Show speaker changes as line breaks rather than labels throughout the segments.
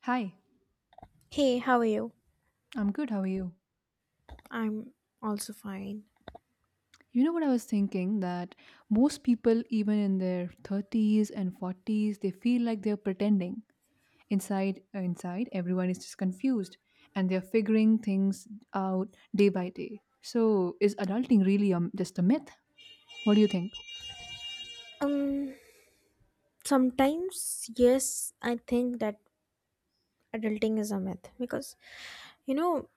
Hi,
Hey, how are you?
I'm good. How are you?
I'm also fine.
You know what I was thinking that most people, even in their 30s and 40s, they feel like they're pretending. Inside, inside, everyone is just confused and they're figuring things out day by day. So, is adulting really just a myth? What do you think?
Um, Sometimes, yes, I think that adulting is a myth because you know,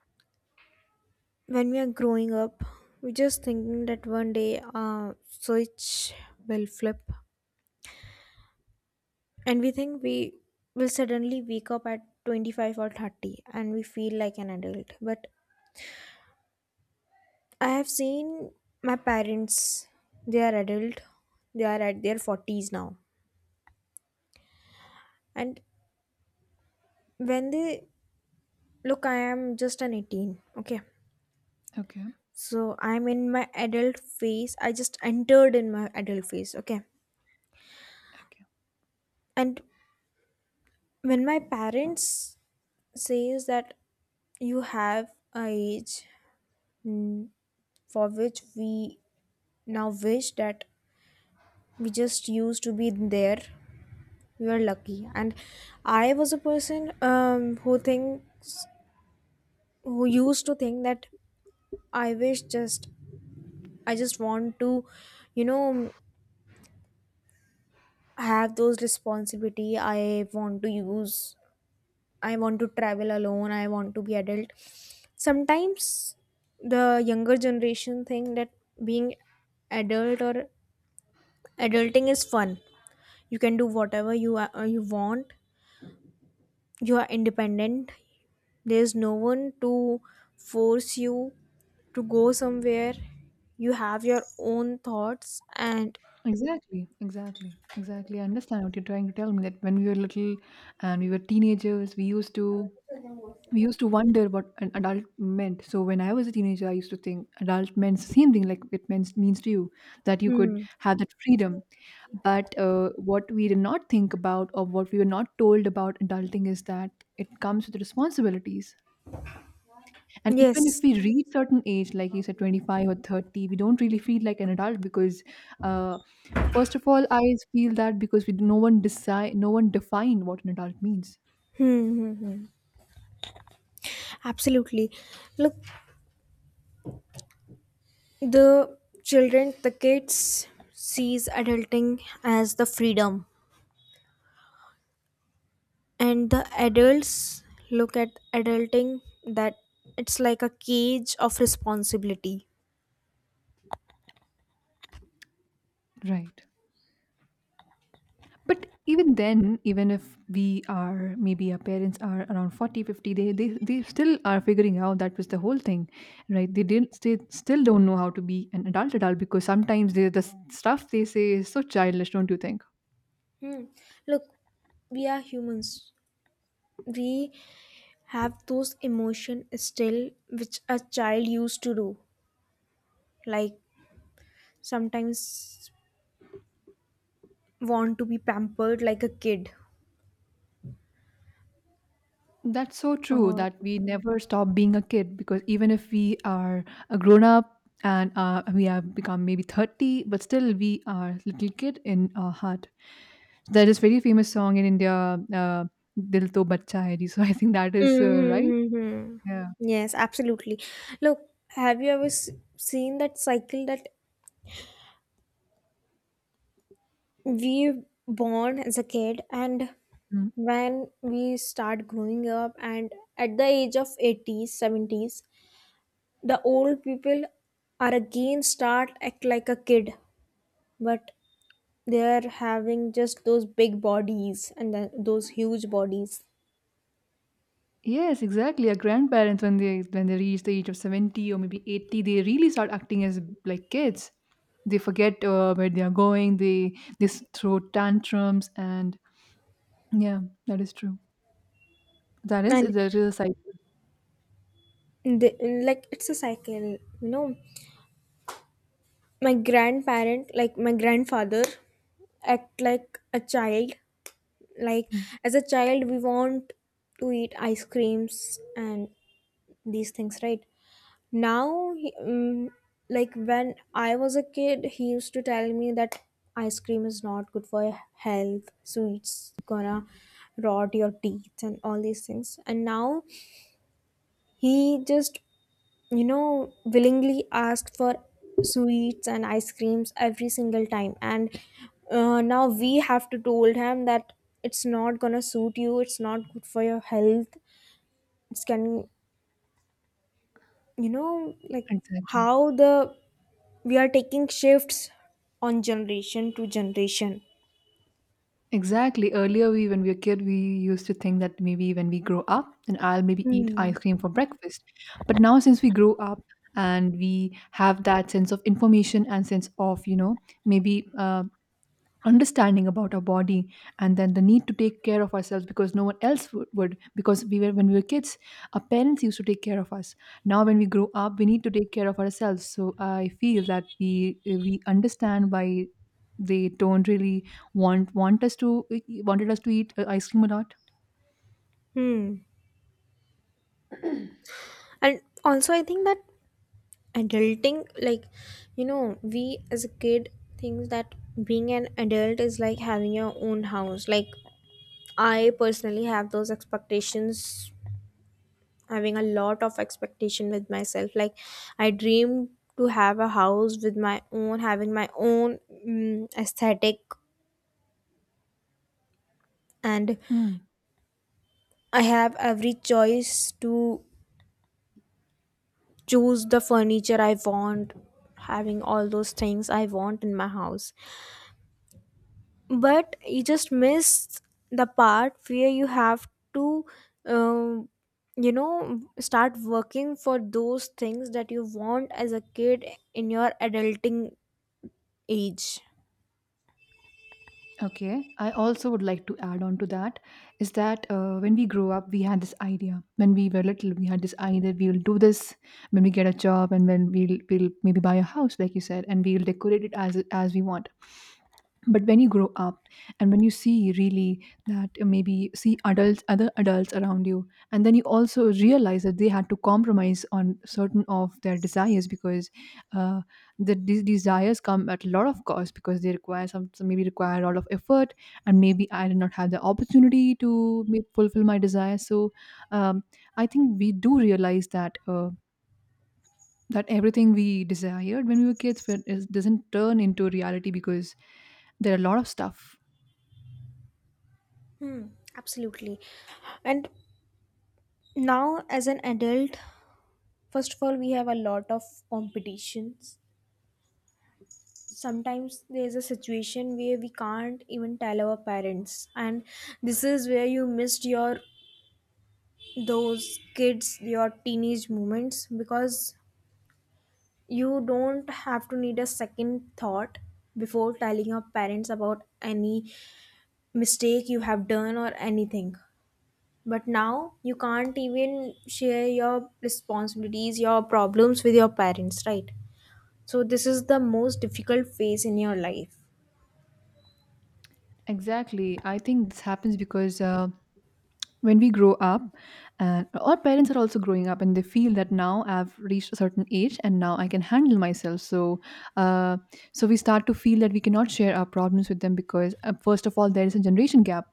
when we are growing up, we're just thinking that one day switch will flip, and we think we will suddenly wake up at 25 or 30 and we feel like an adult. But I have seen my parents, they are adult, they are at their 40s now, and when they Look, I am just an 18. Okay.
Okay,
So I'm in my adult phase. I just entered in my adult phase. Okay.
okay.
And when my parents says that you have a age, mm, for which we now wish that we just used to be there, we are lucky. And I was a person who think who used to think that I wish just I just want to, you know, have those responsibility. I want to use, I want to travel alone, I want to be adult. Sometimes the younger generation think that being adult or adulting is fun, you can do whatever you want, you are independent, there's no one to force you to go somewhere, you have your own thoughts, and
Exactly, exactly, exactly. I understand what you're trying to tell me that when we were little and we were teenagers, we used to wonder what an adult meant. So when I was a teenager, I used to think adult meant same thing like it means to you that you could
hmm,
have that freedom. But what we did not think about or what we were not told about adulting is that it comes with responsibilities. And even
yes.
if we reach certain age, like you said, 25 or 30, we don't really feel like an adult because. Uh, First of all, I feel that because we no one decide, no one define what an adult means.
Hmm, hmm, hmm. Absolutely. Look, the children, the kids sees adulting as the freedom, and the adults look at adulting that it's like a cage of responsibility.
Right. But even then, even if we are maybe our parents are around 40, 50, they still are figuring out that was the whole thing, right? They didn't, they still don't know how to be an adult adult, because sometimes they, the stuff they say is so childish, don't you think?
Hmm. Look, we are humans. We have those emotion still which a child used to do. Like sometimes want to be pampered like a kid,
That's so true
or
that we never stop being a kid because even if we are a grown up and we have become maybe 30, but still we are little kid in our heart. There is very famous song in India, uh, Dil To Bachcha Hai Ji. So I think that is right.
mm-hmm, mm-hmm.
Yeah.
Yes, absolutely. Look, have you ever s- seen that cycle, that we born as a kid, and
Mm.
when we start growing up, and at the age of 80s, 70s, the old people are again start act like a kid, but they are having just those big bodies and then those huge bodies.
Yes, exactly. Our grandparents, when they reach the age of 70 or maybe 80, they really start acting as like kids. They forget where they are going. They throw tantrums and yeah, that is true. That is
And
that is a cycle.
they, like it's a cycle, you know. My grandparent, like my grandfather, act like a child. Like
Hmm.
as a child we want to eat ice creams and these things. Right now like when I was a kid he used to tell me that ice cream is not good for your health, so it's gonna rot your teeth and all these things. And now he just, you know, willingly asked for sweets and ice creams every single time. And now we have to told him that it's not gonna suit you. It's not good for your health. It's can, you know, like
Exactly.
how the we are taking shifts on generation to generation.
Exactly. Earlier, we when we were kid, we used to think that maybe when we grow up, then I'll maybe eat
Hmm.
ice cream for breakfast. But now, since we grow up and we have that sense of information and sense of, you know, maybe understanding about our body and then the need to take care of ourselves because no one else would, because we were when we were kids, our parents used to take care of us. Now when we grow up we need to take care of ourselves, so I feel that we understand why they don't really want us to eh, wanted us to eat ice cream a lot.
Hmm. And also, I think that adulting, like, you know, we as a kid thinks that being an adult is like having your own house. Like, I personally have those expectations, having a lot of expectation with myself. Like I dream to have a house with my own, having my own aesthetic, and
Hmm.
I have every choice to choose the furniture I want, having all those things I want in my house. But you just missed the part where you have to, um, you know, start working for those things that you want as a kid in your adulting age.
Okay, I also would like to add on to that is that when we grow up, we had this idea. When we were little, we had this idea we will do this when we get a job, and when we'll maybe buy a house, like you said, and we'll decorate it as we want. But when you grow up, and when you see really that maybe see adults, other adults around you, and then you also realize that they had to compromise on certain of their desires because uh, the these desires come at a lot of cost because they require some maybe require a lot of effort, and maybe I did not have the opportunity to fulfill my desire. So um, I think we do realize that that everything we desired when we were kids when is, doesn't turn into reality because there are a lot of stuff.
Absolutely. And now as an adult, first of all we have a lot of competitions. Sometimes there's a situation where we can't even tell our parents, and this is where you missed your those kids your teenage moments, because you don't have to need a second thought before telling your parents about any mistake you have done or anything. But now you can't even share your responsibilities, your problems with your parents, right? So this is the most difficult phase in your life.
Exactly, I think this happens because when we grow up and our parents are also growing up and they feel that now I've reached a certain age and now I can handle myself. So uh, so we start to feel that we cannot share our problems with them because first of all there is a generation gap,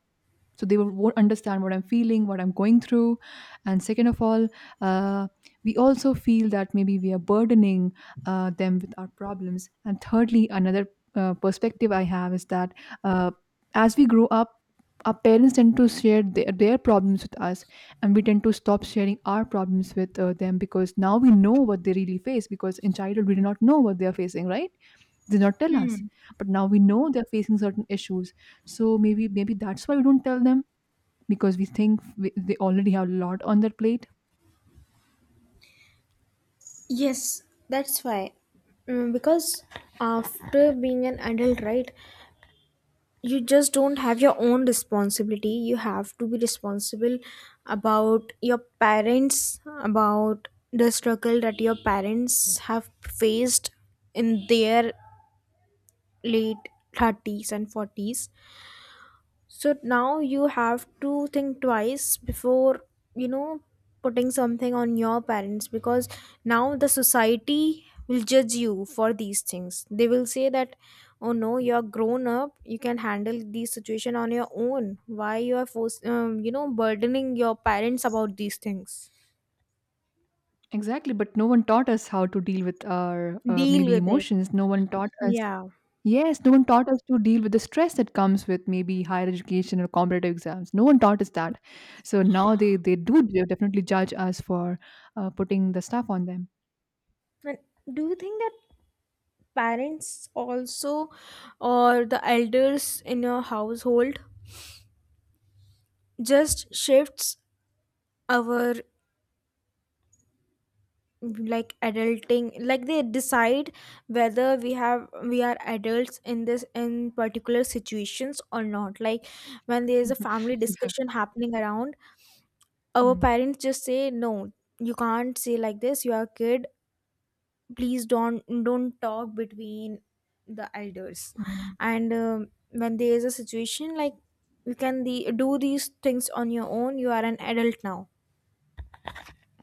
so they won't understand what I'm feeling, what I'm going through. And second of all, uh, we also feel that maybe we are burdening them with our problems. And thirdly, another perspective I have is that uh, as we grow up our parents tend to share their problems with us and we tend to stop sharing our problems with them, because now we know what they really face, because in childhood we did not know what they are facing, right? They did not tell us, but now we know they're facing certain issues, so maybe that's why we don't tell them, because we think we, they already have a lot on their plate.
Yes, that's why. Mm, because after being an adult, right, you just don't have your own responsibility, you have to be responsible about your parents, about the struggle that your parents have faced in their late 30s and 40s. So now you have to think twice before, you know, putting something on your parents, because now the society will judge you for these things. They will say that, oh no, you're grown up, you can handle these situation on your own. Why you are force, you know, burdening your parents about these things?
Exactly, but no one taught us how to deal with our
Deal
maybe
with it.
emotions. No one taught us.
Yeah.
Yes, no one taught us to deal with the stress that comes with maybe higher education or competitive exams. No one taught us that. So now they do definitely judge us for putting the stuff on them.
And do you think that parents also, or the elders in your household, just shifts our like adulting, like they decide whether we have we are adults in this in particular situations or not? Like when there is a family
Yeah.
discussion happening around, our
Mm.
parents just say no, you can't say like this, you are a kid, please don't talk between the elders.
Yeah.
And when there is a situation like, you can the, do these things on your own, you are an adult now.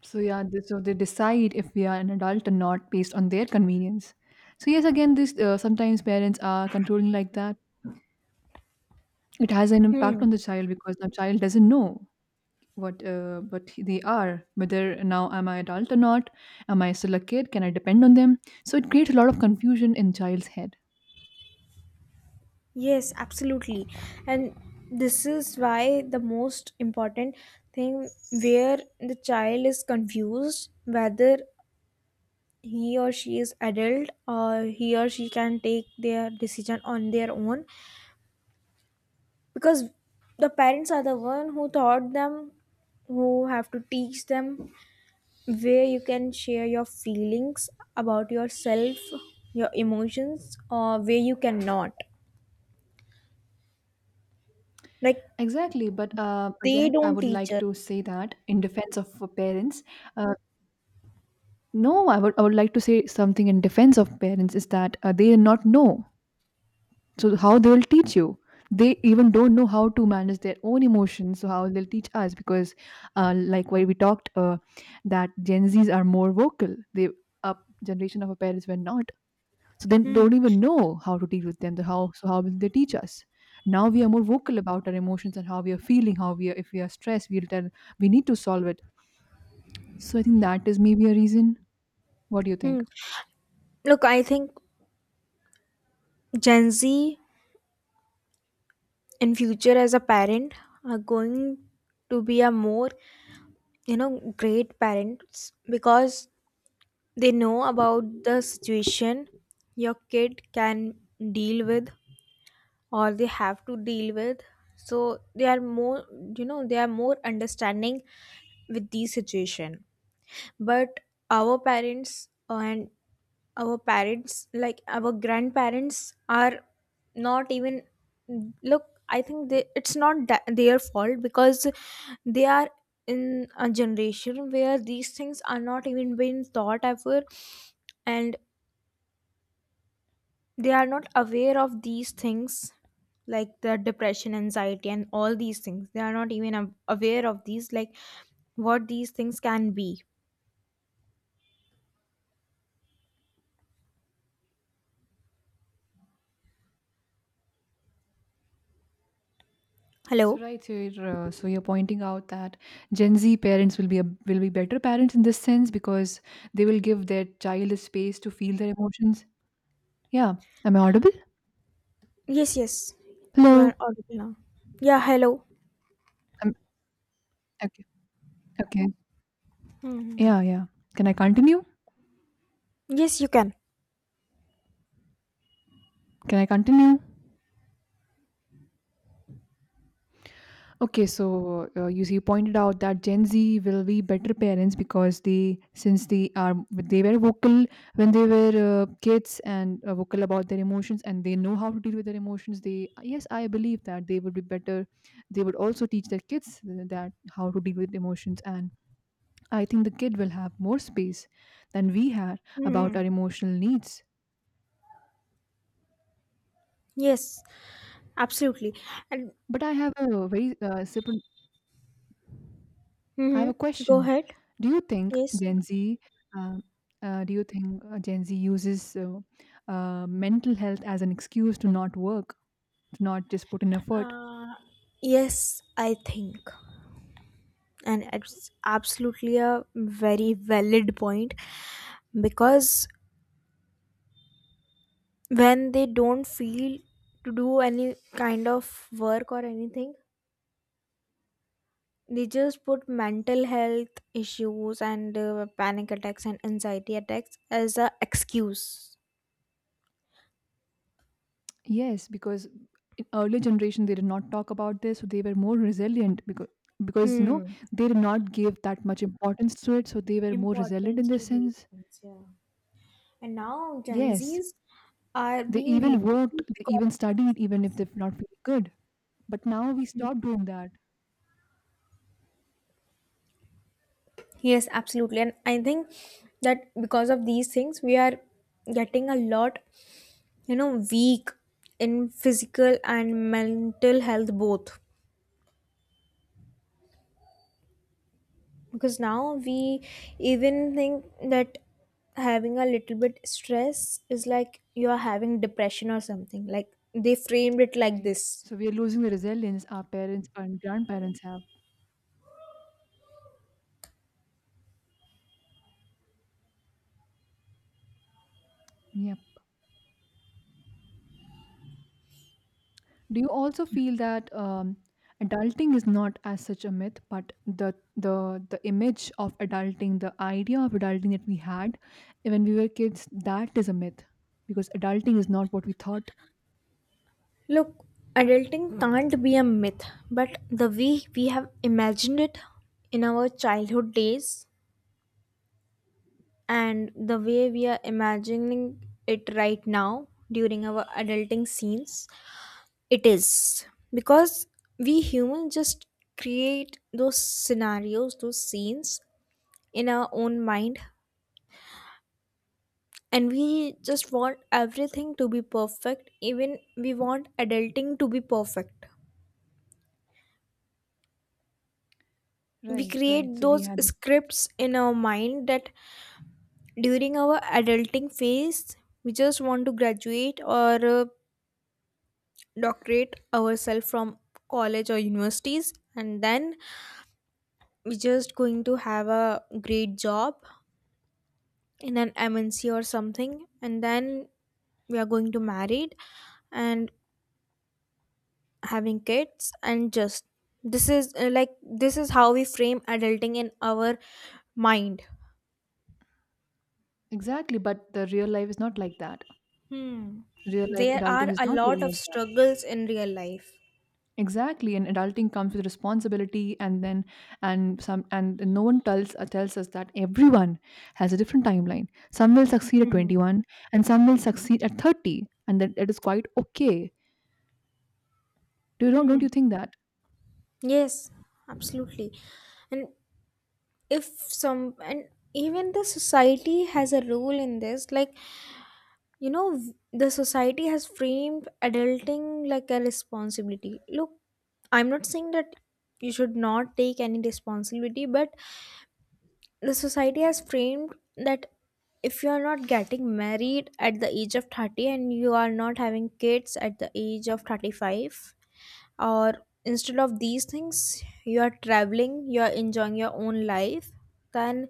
So yeah, they, so they decide if we are an adult or not based on their convenience. So yes, again, this sometimes parents are controlling like that. It has an
Hmm.
impact on the child because the child doesn't know what they are, whether now am I adult or not, am I still a kid? Can I depend on them? So it creates a lot of confusion in child's head.
Yes, absolutely. And this is why the most important thing, where the child is confused whether he or she is adult, or he or she can take their decision on their own, because the parents are the one who taught them, who have to teach them, where you can share your feelings about yourself, your emotions, or where you cannot, like
Exactly, but
they
again, I
don't
would
teach
like
us.
to say that in defense of parents, uh, no, I would like to say something in defense of parents is that they do not know. So how they will teach you? They even don't know how to manage their own emotions. So how they'll teach us? Because, like why we talked, that Gen Zs are more vocal. They up generation of our parents were not. So they
Hmm.
don't even know how to deal with them. So how will they teach us? Now we are more vocal about our emotions and how we are feeling. How we are, if we are stressed, we'll tell we need to solve it. So I think that is maybe a reason. What do you
Hmm.
think?
Look, I think Gen Z in future as a parent are going to be a more, you know, great parents, because they know about the situation your kid can deal with, or they have to deal with. So they are more, you know, they are more understanding with the situation. But our parents and our parents like our grandparents are not even look, I think they, it's not that their fault, because they are in a generation where these things are not even being taught ever, and they are not aware of these things, like the depression, anxiety, and all these things, they are not even aware of these, like what these things can be.
So
Hello.
right, so so you're pointing out that Gen Z parents will will be better parents in this sense because they will give their child a space to feel their emotions. Yeah, am I audible?
Yes, yes, you are
Hello.
audible now. Yeah, hello.
Um, okay. Okay.
Hmm.
Yeah, yeah. Can I continue?
Yes, you can.
Can I continue? Okay, so you see, you pointed out that Gen Z will be better parents because they were vocal when they were kids and vocal about their emotions, and they know how to deal with their emotions. They, yes, I believe that they would be better. They would also teach their kids that how to deal with emotions, and I think the kid will have more space than we had about
Mm,
our emotional needs.
yes, absolutely. And
But I have a very separate, I have
mhm,
a
go
question.
ahead.
Do you think
Yes,
Gen Z, um, do you think Gen Z uses mental health as an excuse to not work, to not just put in effort?
yes, I think, and it's absolutely a very valid point, because when they don't feel to do any kind of work or anything, they just put mental health issues and panic attacks and anxiety attacks as a excuse.
Yes, because in earlier generation they did not talk about this, so they were more resilient because you know
Hmm.
they did not give that much importance to it, so they were more resilient in
Importance
this
to these
sense.
things, yeah. And now Gen
Yes,
Zs are
they
being
even worked,
lazy
they
because
even studied, even if they're not feeling good. But now we stop doing that.
yes, absolutely. And I think that because of these things, we are getting a lot, you know, weak in physical and mental health both. Because now we even think that having a little bit stress is like you are having depression or something. Like they framed it like
Right.
this.
So we are losing the resilience our parents and grandparents have. Yep. Do you also feel that adulting is not as such a myth, but the image of adulting, the idea of adulting that we had when we were kids, that is a myth because adulting is not what we thought.
Look, adulting can't be a myth, but the way we have imagined it in our childhood days, and the way we are imagining it right now during our adulting scenes, it is. Because we humans just create those scenarios, those scenes in our own mind, and we just want everything to be perfect, even we want adulting to be perfect. We
Right.
create
Right. So we
those
had this
scripts in our mind that during our adulting phase we just want to graduate or doctorate ourselves from college or universities, and then we just going to have a great job in an mnc or something, and then we are going to married and having kids and just, this is like this is how we frame adulting in our mind.
exactly, but the real life is not like that.
Hmm.
Real life
There
adulting
are
is
a
not real
lot of
life.
struggles in real life.
Exactly, and adulting comes with responsibility, and then and some and no one tells tells us that everyone has a different timeline. Some will succeed at
Hmm.
21, and some will succeed at 30, and that it is quite okay. Do you don't
Hmm.
you think that?
Yes, absolutely. And if some, and even the society has a role in this, like, you know, the society has framed adulting like a responsibility. Look, I'm not saying that you should not take any responsibility, but the society has framed that if you are not getting married at the age of 30, and you are not having kids at the age of 35, or instead of these things you are traveling, you are enjoying your own life, then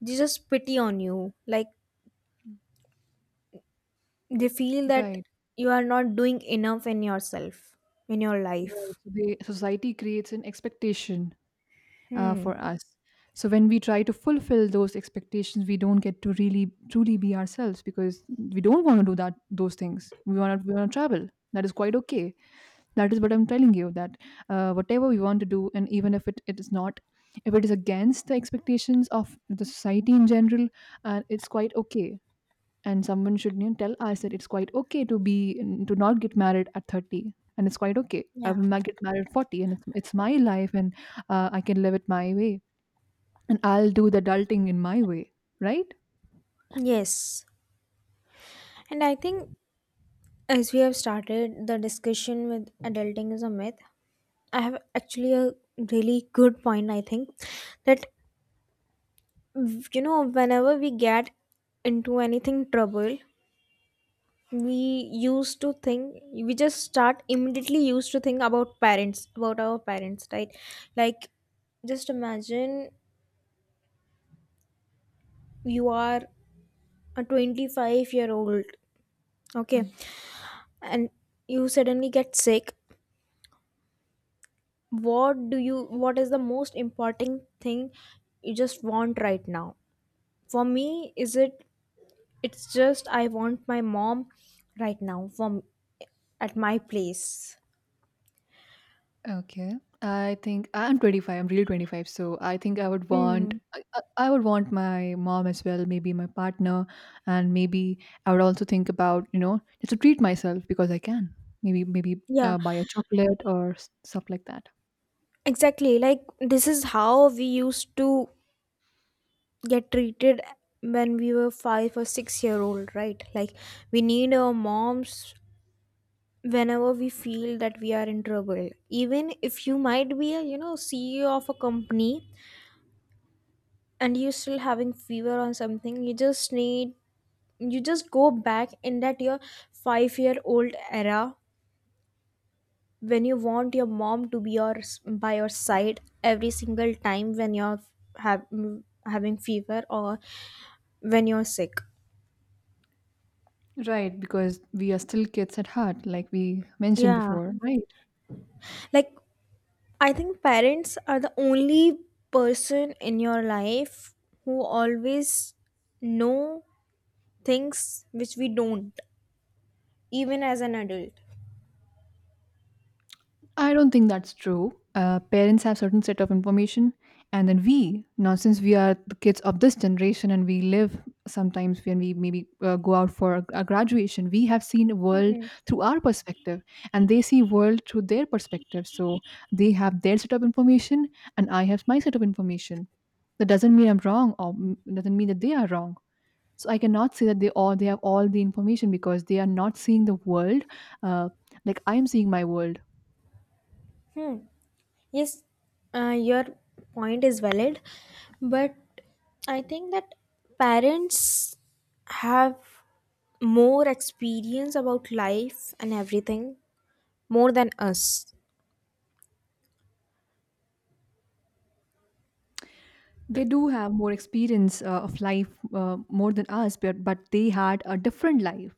they just pity on you, like they feel that
Right,
you are not doing enough in yourself, in your
right.
life.
So the society creates an expectation
Hmm.
for us. So when we try to fulfill those expectations, we don't get to really truly be ourselves because we don't want to do that those things. We want to travel. That is quite okay. That is what I'm telling you that whatever we want to do, and even if it is not, if it is against the expectations of the society in general, it's quite okay. And someone should, tell us that it's quite okay to be to not get married at 30, and it's quite okay. I
Yeah.
will not get married at 40, and it's my life, and I can live it my way, and I'll do the adulting in my way, right?
Yes. And I think, as we have started the discussion with adulting is a myth, I have actually a really good point. I think that you know, whenever we get into anything trouble, we we just start immediately used to think about parents, about our parents, right? Like, just imagine you are a 25-year-old year old, okay, and you suddenly get sick. What do you? What is the most important thing you just want right now? For me is it, it's just I want my mom right now from at my place.
Okay. I think I'm 25. I'm really 25, so I think I would want
Hmm.
I would want my mom as well, maybe my partner, and maybe I would also think about, just to treat myself because I can. Maybe
Yeah,
buy a chocolate or stuff like that.
exactly. Like this is how we used to get treated when we were 5 or 6 year old, right? Like we need our moms whenever we feel that we are in trouble. Even if you might be a CEO of a company and you're still having fever on something, you just need, you just go back in that your 5-year old era when you want your mom to be your by your side every single time when you're have, having fever or when you're sick.
Right, because we are still kids at heart, like we mentioned
Yeah.
before, right?
Like, I think parents are the only person in your life who always know things which we don't, even as an adult.
I don't think that's true. Parents have certain set of information, and then we now, since we are the kids of this generation and we live sometimes when we maybe go out for a graduation, we have seen a world through our perspective, and they see world through their perspective. So they have their set of information, and I have my set of information. That doesn't mean I'm wrong, or doesn't mean that they are wrong. So I cannot say that they have all the information because they are not seeing the world uh, like I am seeing my world.
Hmm. Yes. Your point is valid, but I think that parents have more experience about life and everything more than us.
They do have more experience of life, more than us, but they had a different life.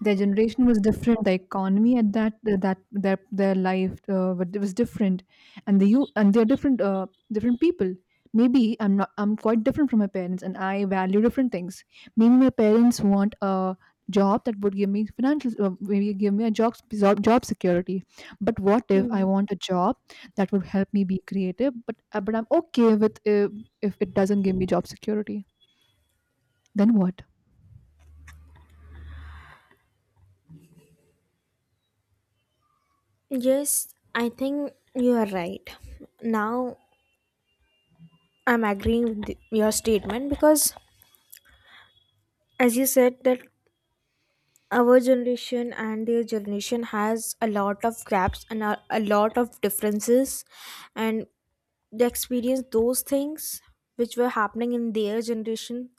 Their generation was different, the economy at that their life was different, and the you and they're different, different people. Maybe I'm not I'm quite different from my parents, and I value different things. Maybe my parents want a job that would give me financial, maybe give me a job, job security, but what if I
Hmm.
want a job that would help me be creative, but I'm okay with, if it doesn't give me job security, then what?
Yes, I think you are right. Now I'm agreeing with your statement because, as you said, that our generation and their generation has a lot of gaps and a lot of differences, and they experience those things which were happening in their generation.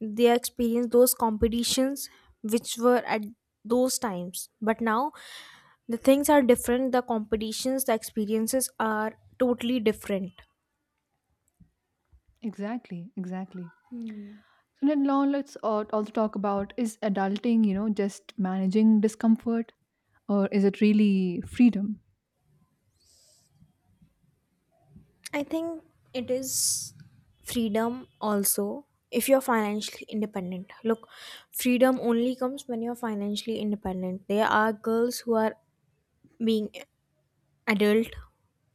They experience those competitions which were at those times, but now the things are different. The competitions, the experiences are totally different.
Exactly, exactly. And then now let's also talk about, is adulting, just managing discomfort, or is it really freedom?
I think it is freedom also if you're financially independent. Look, freedom only comes when you're financially independent. There are girls who are being adult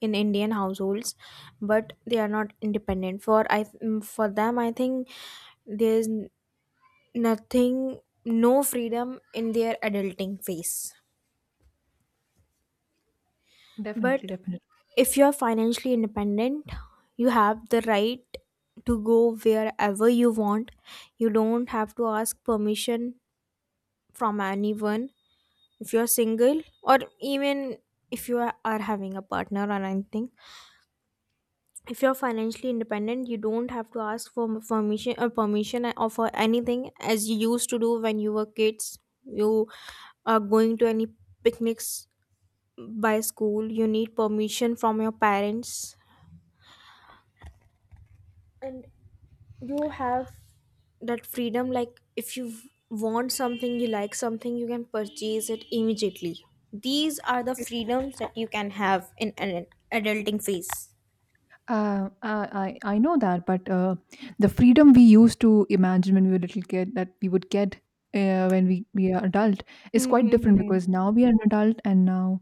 in Indian households, but they are not independent. For them I think there's nothing, no freedom in their adulting phase.
Definitely,
But
definitely.
if you're financially independent, you have the right to go wherever you want. You don't have to ask permission from anyone. If you're single, or even if you are having a partner or anything, if you're financially independent, you don't have to ask for permission or for anything as you used to do when you were kids. You are going to any picnics by school. You need permission from your parents, and you have that freedom. Like, if you want something, you like something, you can purchase it immediately. These are the freedoms that you can have in an adulting phase.
I know that, but the freedom we used to imagine when we were little kid that we would get when we are adult is
Hmm.
quite
Hmm,
different,
hmm.
because now we are an adult, and now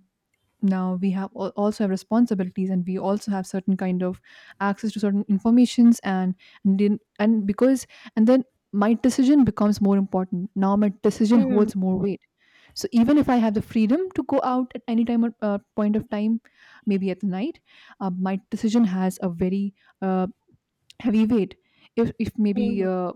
now we have also have responsibilities, and we also have certain kind of access to certain informations, and, then- and because and then my decision becomes more important now, my decision
Hmm,
holds more weight. So even if I have the freedom to go out at any time, or point of time, maybe at night, my decision has a very uh, heavy weight. If maybe
hmm.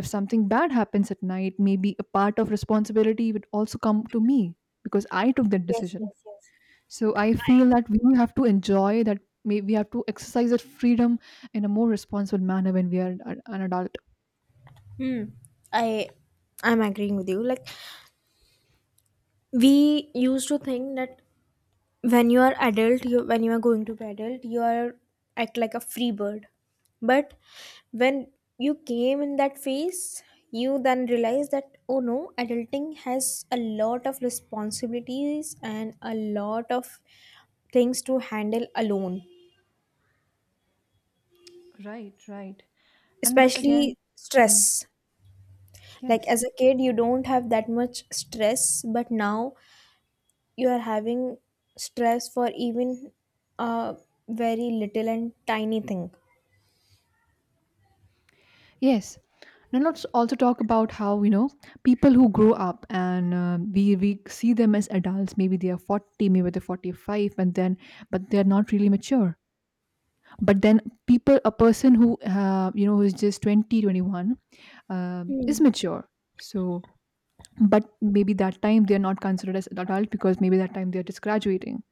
if something bad happens at night, maybe a part of responsibility would also come to me because I took that
Yes,
decision.
yes, yes.
So I feel that we have to enjoy that. May we have to exercise that freedom in a more responsible manner when we are an adult.
Hmm. I I'm agreeing with you. Like, we used to think that when you are adult, you, when you are going to be adult, you are act like a free bird. But when you came in that phase, you then realize that oh no, adulting has a lot of responsibilities and a lot of things to handle alone.
Right, right. And but again,
Especially
mm,
stress. Like,
yes,
as a kid you don't have that much stress, but now you are having stress for even a very little and tiny thing.
yes. And let's also talk about how, people who grow up and we see them as adults. Maybe they are 40, maybe they're 45, and then but they're not really mature. But then people, a person who who is just 20, 21, is
Hmm.
mature. So but maybe that time they're not considered as adult, because maybe that time they're just graduating.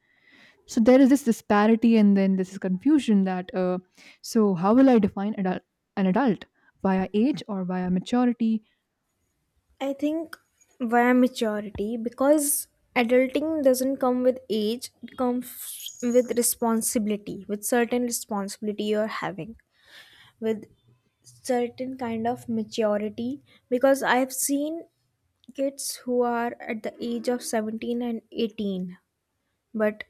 So there is this disparity, and then this is confusion that so how will I define adult, an adult, via age or via maturity?
I think via maturity, because adulting doesn't come with age, it comes with responsibility, with certain responsibility you're having, with certain kind of maturity. Because I've seen kids who are at the age of 17 and 18, but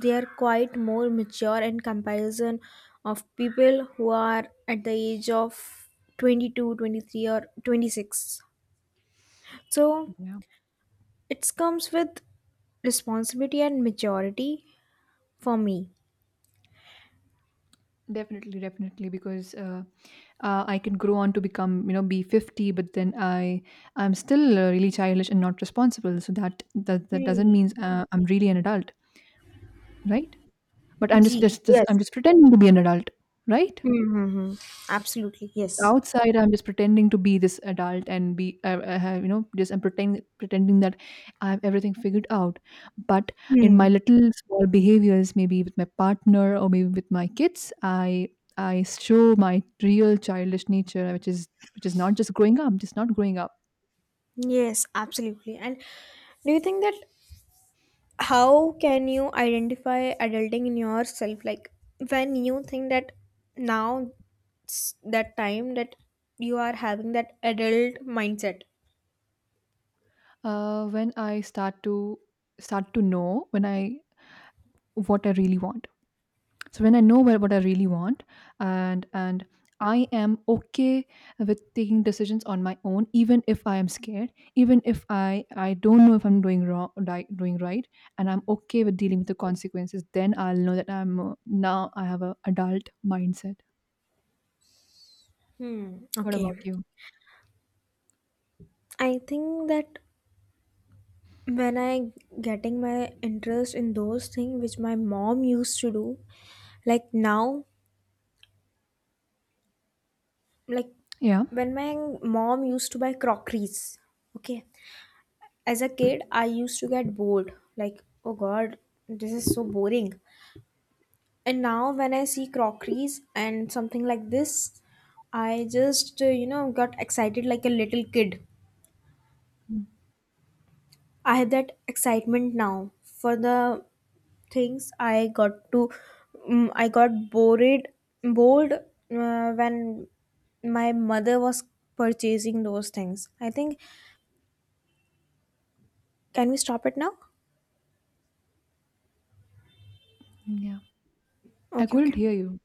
they are quite more mature in comparison of people who are at the age of 22, 23, or 26. So
Yeah.
it comes with responsibility and maturity for me.
Definitely, definitely, because I can grow on to become, be 50, but then I I'm still really childish and not responsible, so that doesn't
Hmm.
mean I'm really an adult, right? But I'm just,
Gee,
just just
yes.
I'm just pretending to be an adult, right?
Mm-hmm. Absolutely,
It's
yes.
outside, I'm just pretending to be this adult and be, I have, just I'm pretending that I have everything figured out. But in
Hmm.
my little small behaviors, maybe with my partner or maybe with my kids, I show my real childish nature, which is not just growing up, just not growing up.
Yes, absolutely. And do you think that how can you identify adulting in yourself? Like, when you think that now it's that time that you are having that adult mindset.
When I start to know when I what I really want, so when I know what I really want, and I am okay with taking decisions on my own, even if I am scared, even if I don't know if I'm doing right, and I'm okay with dealing with the consequences, then I'll know that I'm now I have a adult mindset.
Hmm.
What about
Okay.
you?
I think that when I getting my interest in those things which my mom used to do, like now. Like,
Yeah.
when my mom used to buy crockeries, okay, as a kid I used to get bored like oh god this is so boring. And now when I see crockeries and something like this, I just got excited like a little kid.
Mm,
I have that excitement now for the things I got to, mm, I got bored when my mother was purchasing those things. I think can we stop it now.
yeah, I
Okay,
couldn't
okay.
hear you.